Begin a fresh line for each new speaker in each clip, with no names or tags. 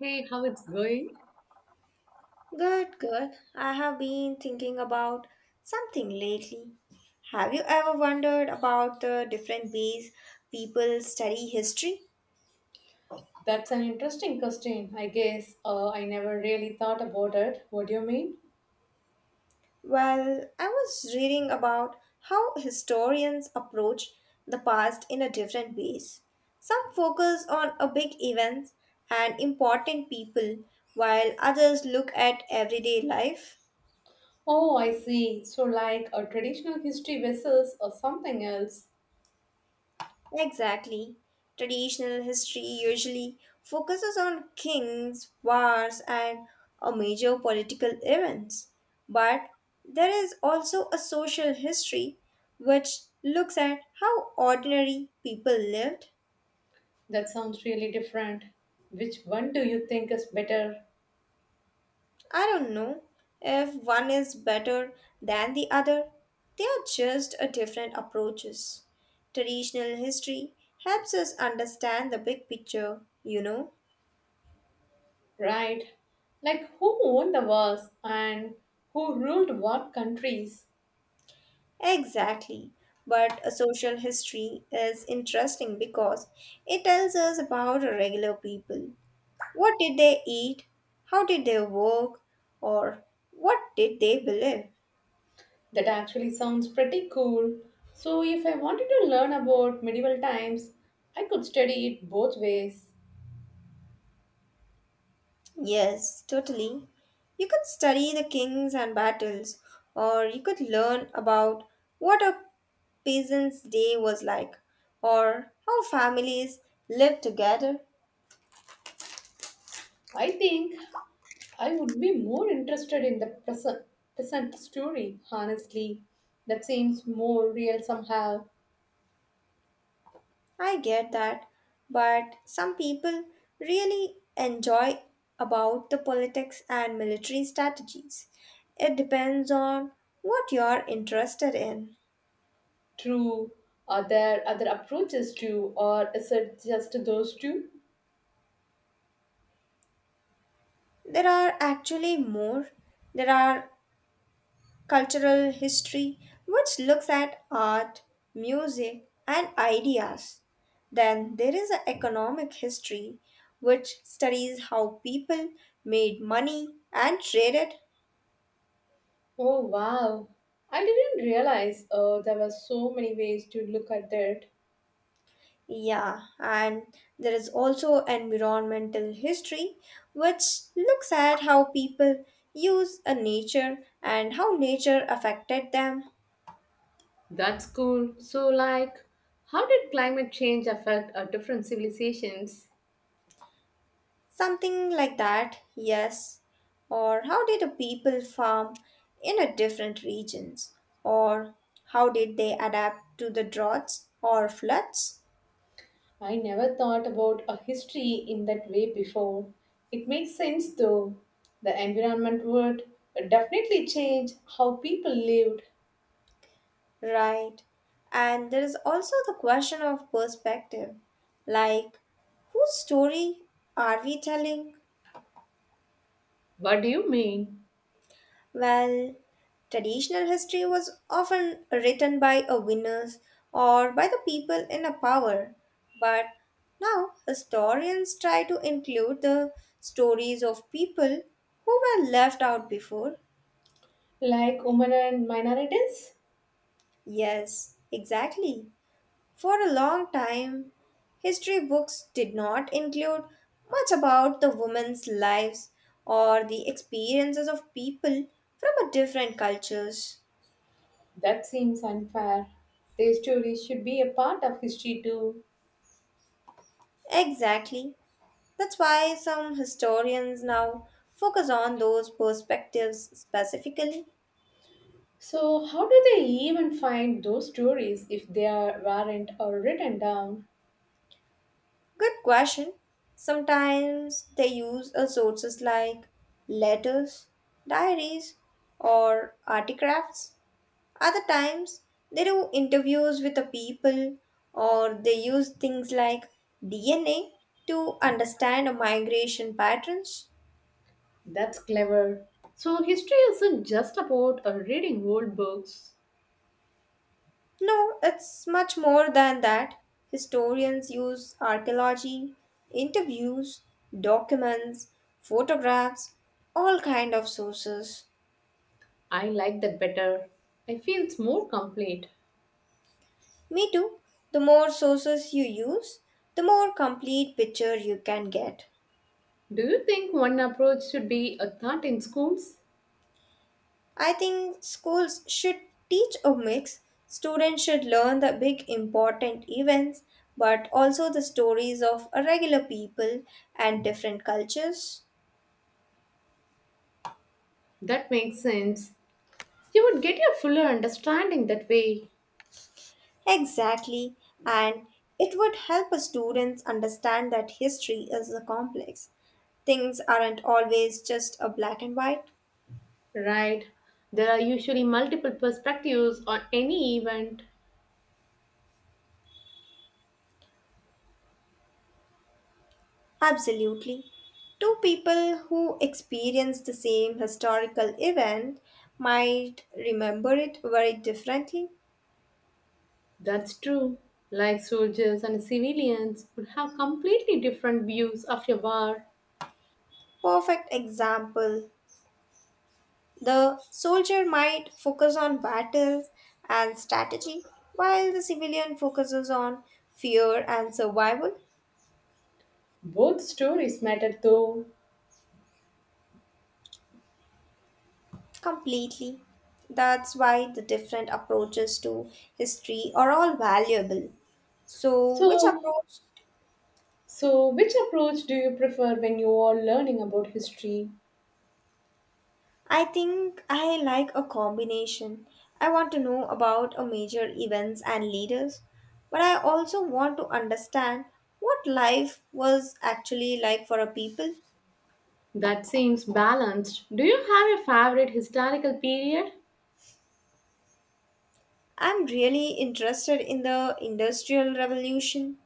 Hey, how it's going?
Good, good. I have been thinking about something lately. Have you ever wondered about the different ways people study history?
That's an interesting question, I guess. I never really thought about it. What do you mean?
Well, I was reading about how historians approach the past in a different ways. Some focus on a big events and important people, while others look at everyday life.
Oh, I see. So, like a traditional history versus or something else.
Exactly. Traditional history usually focuses on kings, wars, and a major political events. But there is also a social history which looks at how ordinary people lived.
That sounds really different. Which one do you think is better,
I don't know if one is better than the other. They are just a different approaches. Traditional history helps us understand the big picture, you know.
right? Like who owned the wars and who ruled what countries?
Exactly. But a social history is interesting because it tells us about regular people. What did they eat? How did they work? Or what did they believe?
That actually sounds pretty cool. So, if I wanted to learn about medieval times, I could study it both ways.
Yes, totally. You could study the kings and battles, or you could learn about what a peasant's day was like, or how families lived together.
I think I would be more interested in the present story, honestly. That seems more real somehow.
I get that, but some people really enjoy about the politics and military strategies. It depends on what you're interested in.
True. Are there other approaches to, or is it just those two?
There are actually more. There are cultural history, which looks at art, music, and ideas. Then there is a economic history, which studies how people made money and traded.
Oh, wow. I didn't realize there were so many ways to look at that.
Yeah, and there is also environmental history, which looks at how people use a nature and how nature affected them.
That's cool. So, like, how did climate change affect our different civilizations?
Something like that, yes. Or how did the people farm in a different regions? Or how did they adapt to the droughts or floods?
I never thought about a history in that way before. It makes sense though. The environment would definitely change how people lived.
Right. And there is also the question of perspective, like whose story are we telling?
What do you mean?
Well, traditional history was often written by a winners or by the people in a power, but now historians try to include the stories of people who were left out before.
Like women and minorities.
Yes, exactly. For a long time, history books did not include much about the women's lives or the experiences of people from a different cultures.
That seems unfair. Their stories should be a part of history too.
Exactly. That's why some historians now focus on those perspectives specifically.
So, how do they even find those stories if they are, weren't or written down?
Good question. Sometimes they use sources like letters, diaries, or artifacts. Other times they do interviews with the people or they use things like DNA to understand migration patterns.
That's clever. So, history isn't just about reading old books.
No, it's much more than that. Historians use archaeology, interviews, documents, photographs, all kind of sources.
I like that better. I feel it's more complete.
Me too. The more sources you use, the more complete picture you can get.
Do you think one approach should be a thought in schools?
I think schools should teach a mix. Students should learn the big important events, but also the stories of regular people and different cultures.
That makes sense. You would get a fuller understanding that way,
Exactly, and it would help students understand that history is a complex. Things aren't always just a black and white.
right? There are usually multiple perspectives on any event.
Absolutely. Two people who experience the same historical event might remember it very differently.
That's true. Like soldiers and civilians would have completely different views of a war.
Perfect example, the soldier might focus on battles and strategy, while the civilian focuses on fear and survival.
Both stories matter though.
Completely. That's why the different approaches to history are all valuable. So, which
So,
approach?
so which approach do you prefer when you are learning about history?
I think I like a combination. I want to know about a major events and leaders, but I also want to understand what life was actually like for a people.
That seems balanced. Do you have a favorite historical period?
I'm really interested in the Industrial Revolution.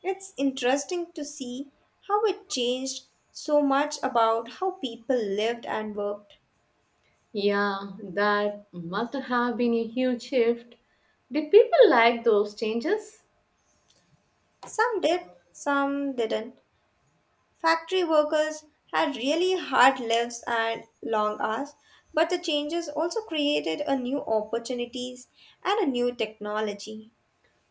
It's interesting to see how it changed so much about how people lived and worked.
Yeah, that must have been a huge shift. Did people like those changes?
Some did, some didn't. Factory workers had really hard lives and long hours, but the changes also created a new opportunities and a new technology.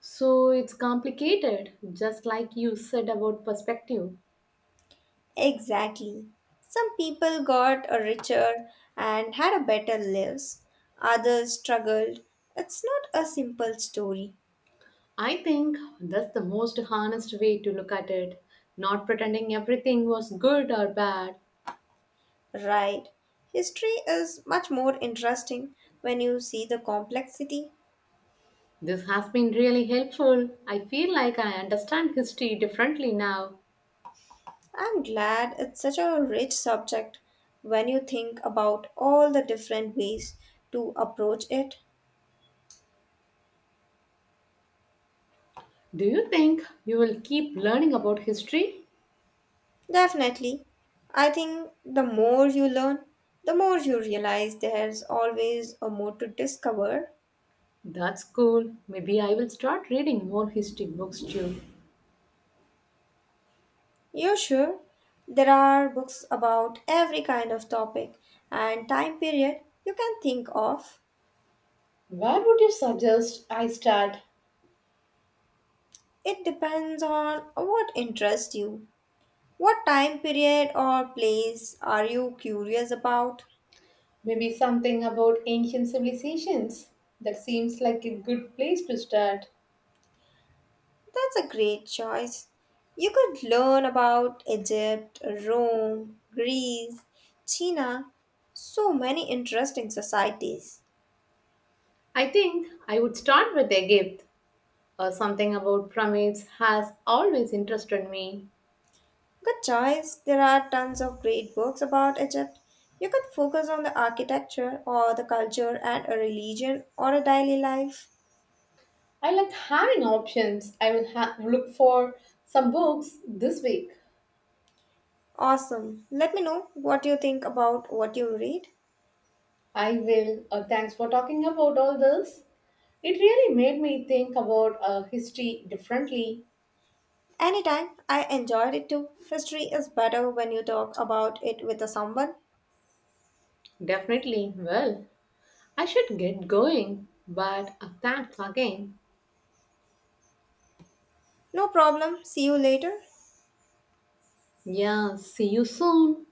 So it's complicated, just like you said about perspective.
Exactly. Some people got a richer and had a better lives. Others struggled. It's not a simple story.
I think that's the most honest way to look at it, not pretending everything was good or bad.
Right. History is much more interesting when you see the complexity.
This has been really helpful. I feel like I understand history differently now.
I'm glad it's such a rich subject when you think about all the different ways to approach it.
Do you think you will keep learning about history?
Definitely. I think the more you learn, the more you realize there's always a more to discover.
That's cool. Maybe I will start reading more history books too.
You're sure? There are books about every kind of topic and time period you can think of.
Where would you suggest I start?
It depends on what interests you. What time period or place are you curious about?
Maybe something about ancient civilizations? That seems like a good place to start.
That's a great choice. You could learn about Egypt, Rome, Greece, China, so many interesting societies.
I think I would start with Egypt. Or something about pyramids has always interested me.
Good choice. There are tons of great books about Egypt. You could focus on the architecture or the culture and a religion or a daily life.
I like having options. I will look for some books this week.
Awesome. Let me know what you think about what you read.
I will. Thanks for talking about all this. It really made me think about history differently.
Anytime, I enjoyed it too. History is better when you talk about it with someone.
Definitely. Well, I should get going, but thanks again.
No problem, see you later.
Yeah, see you soon.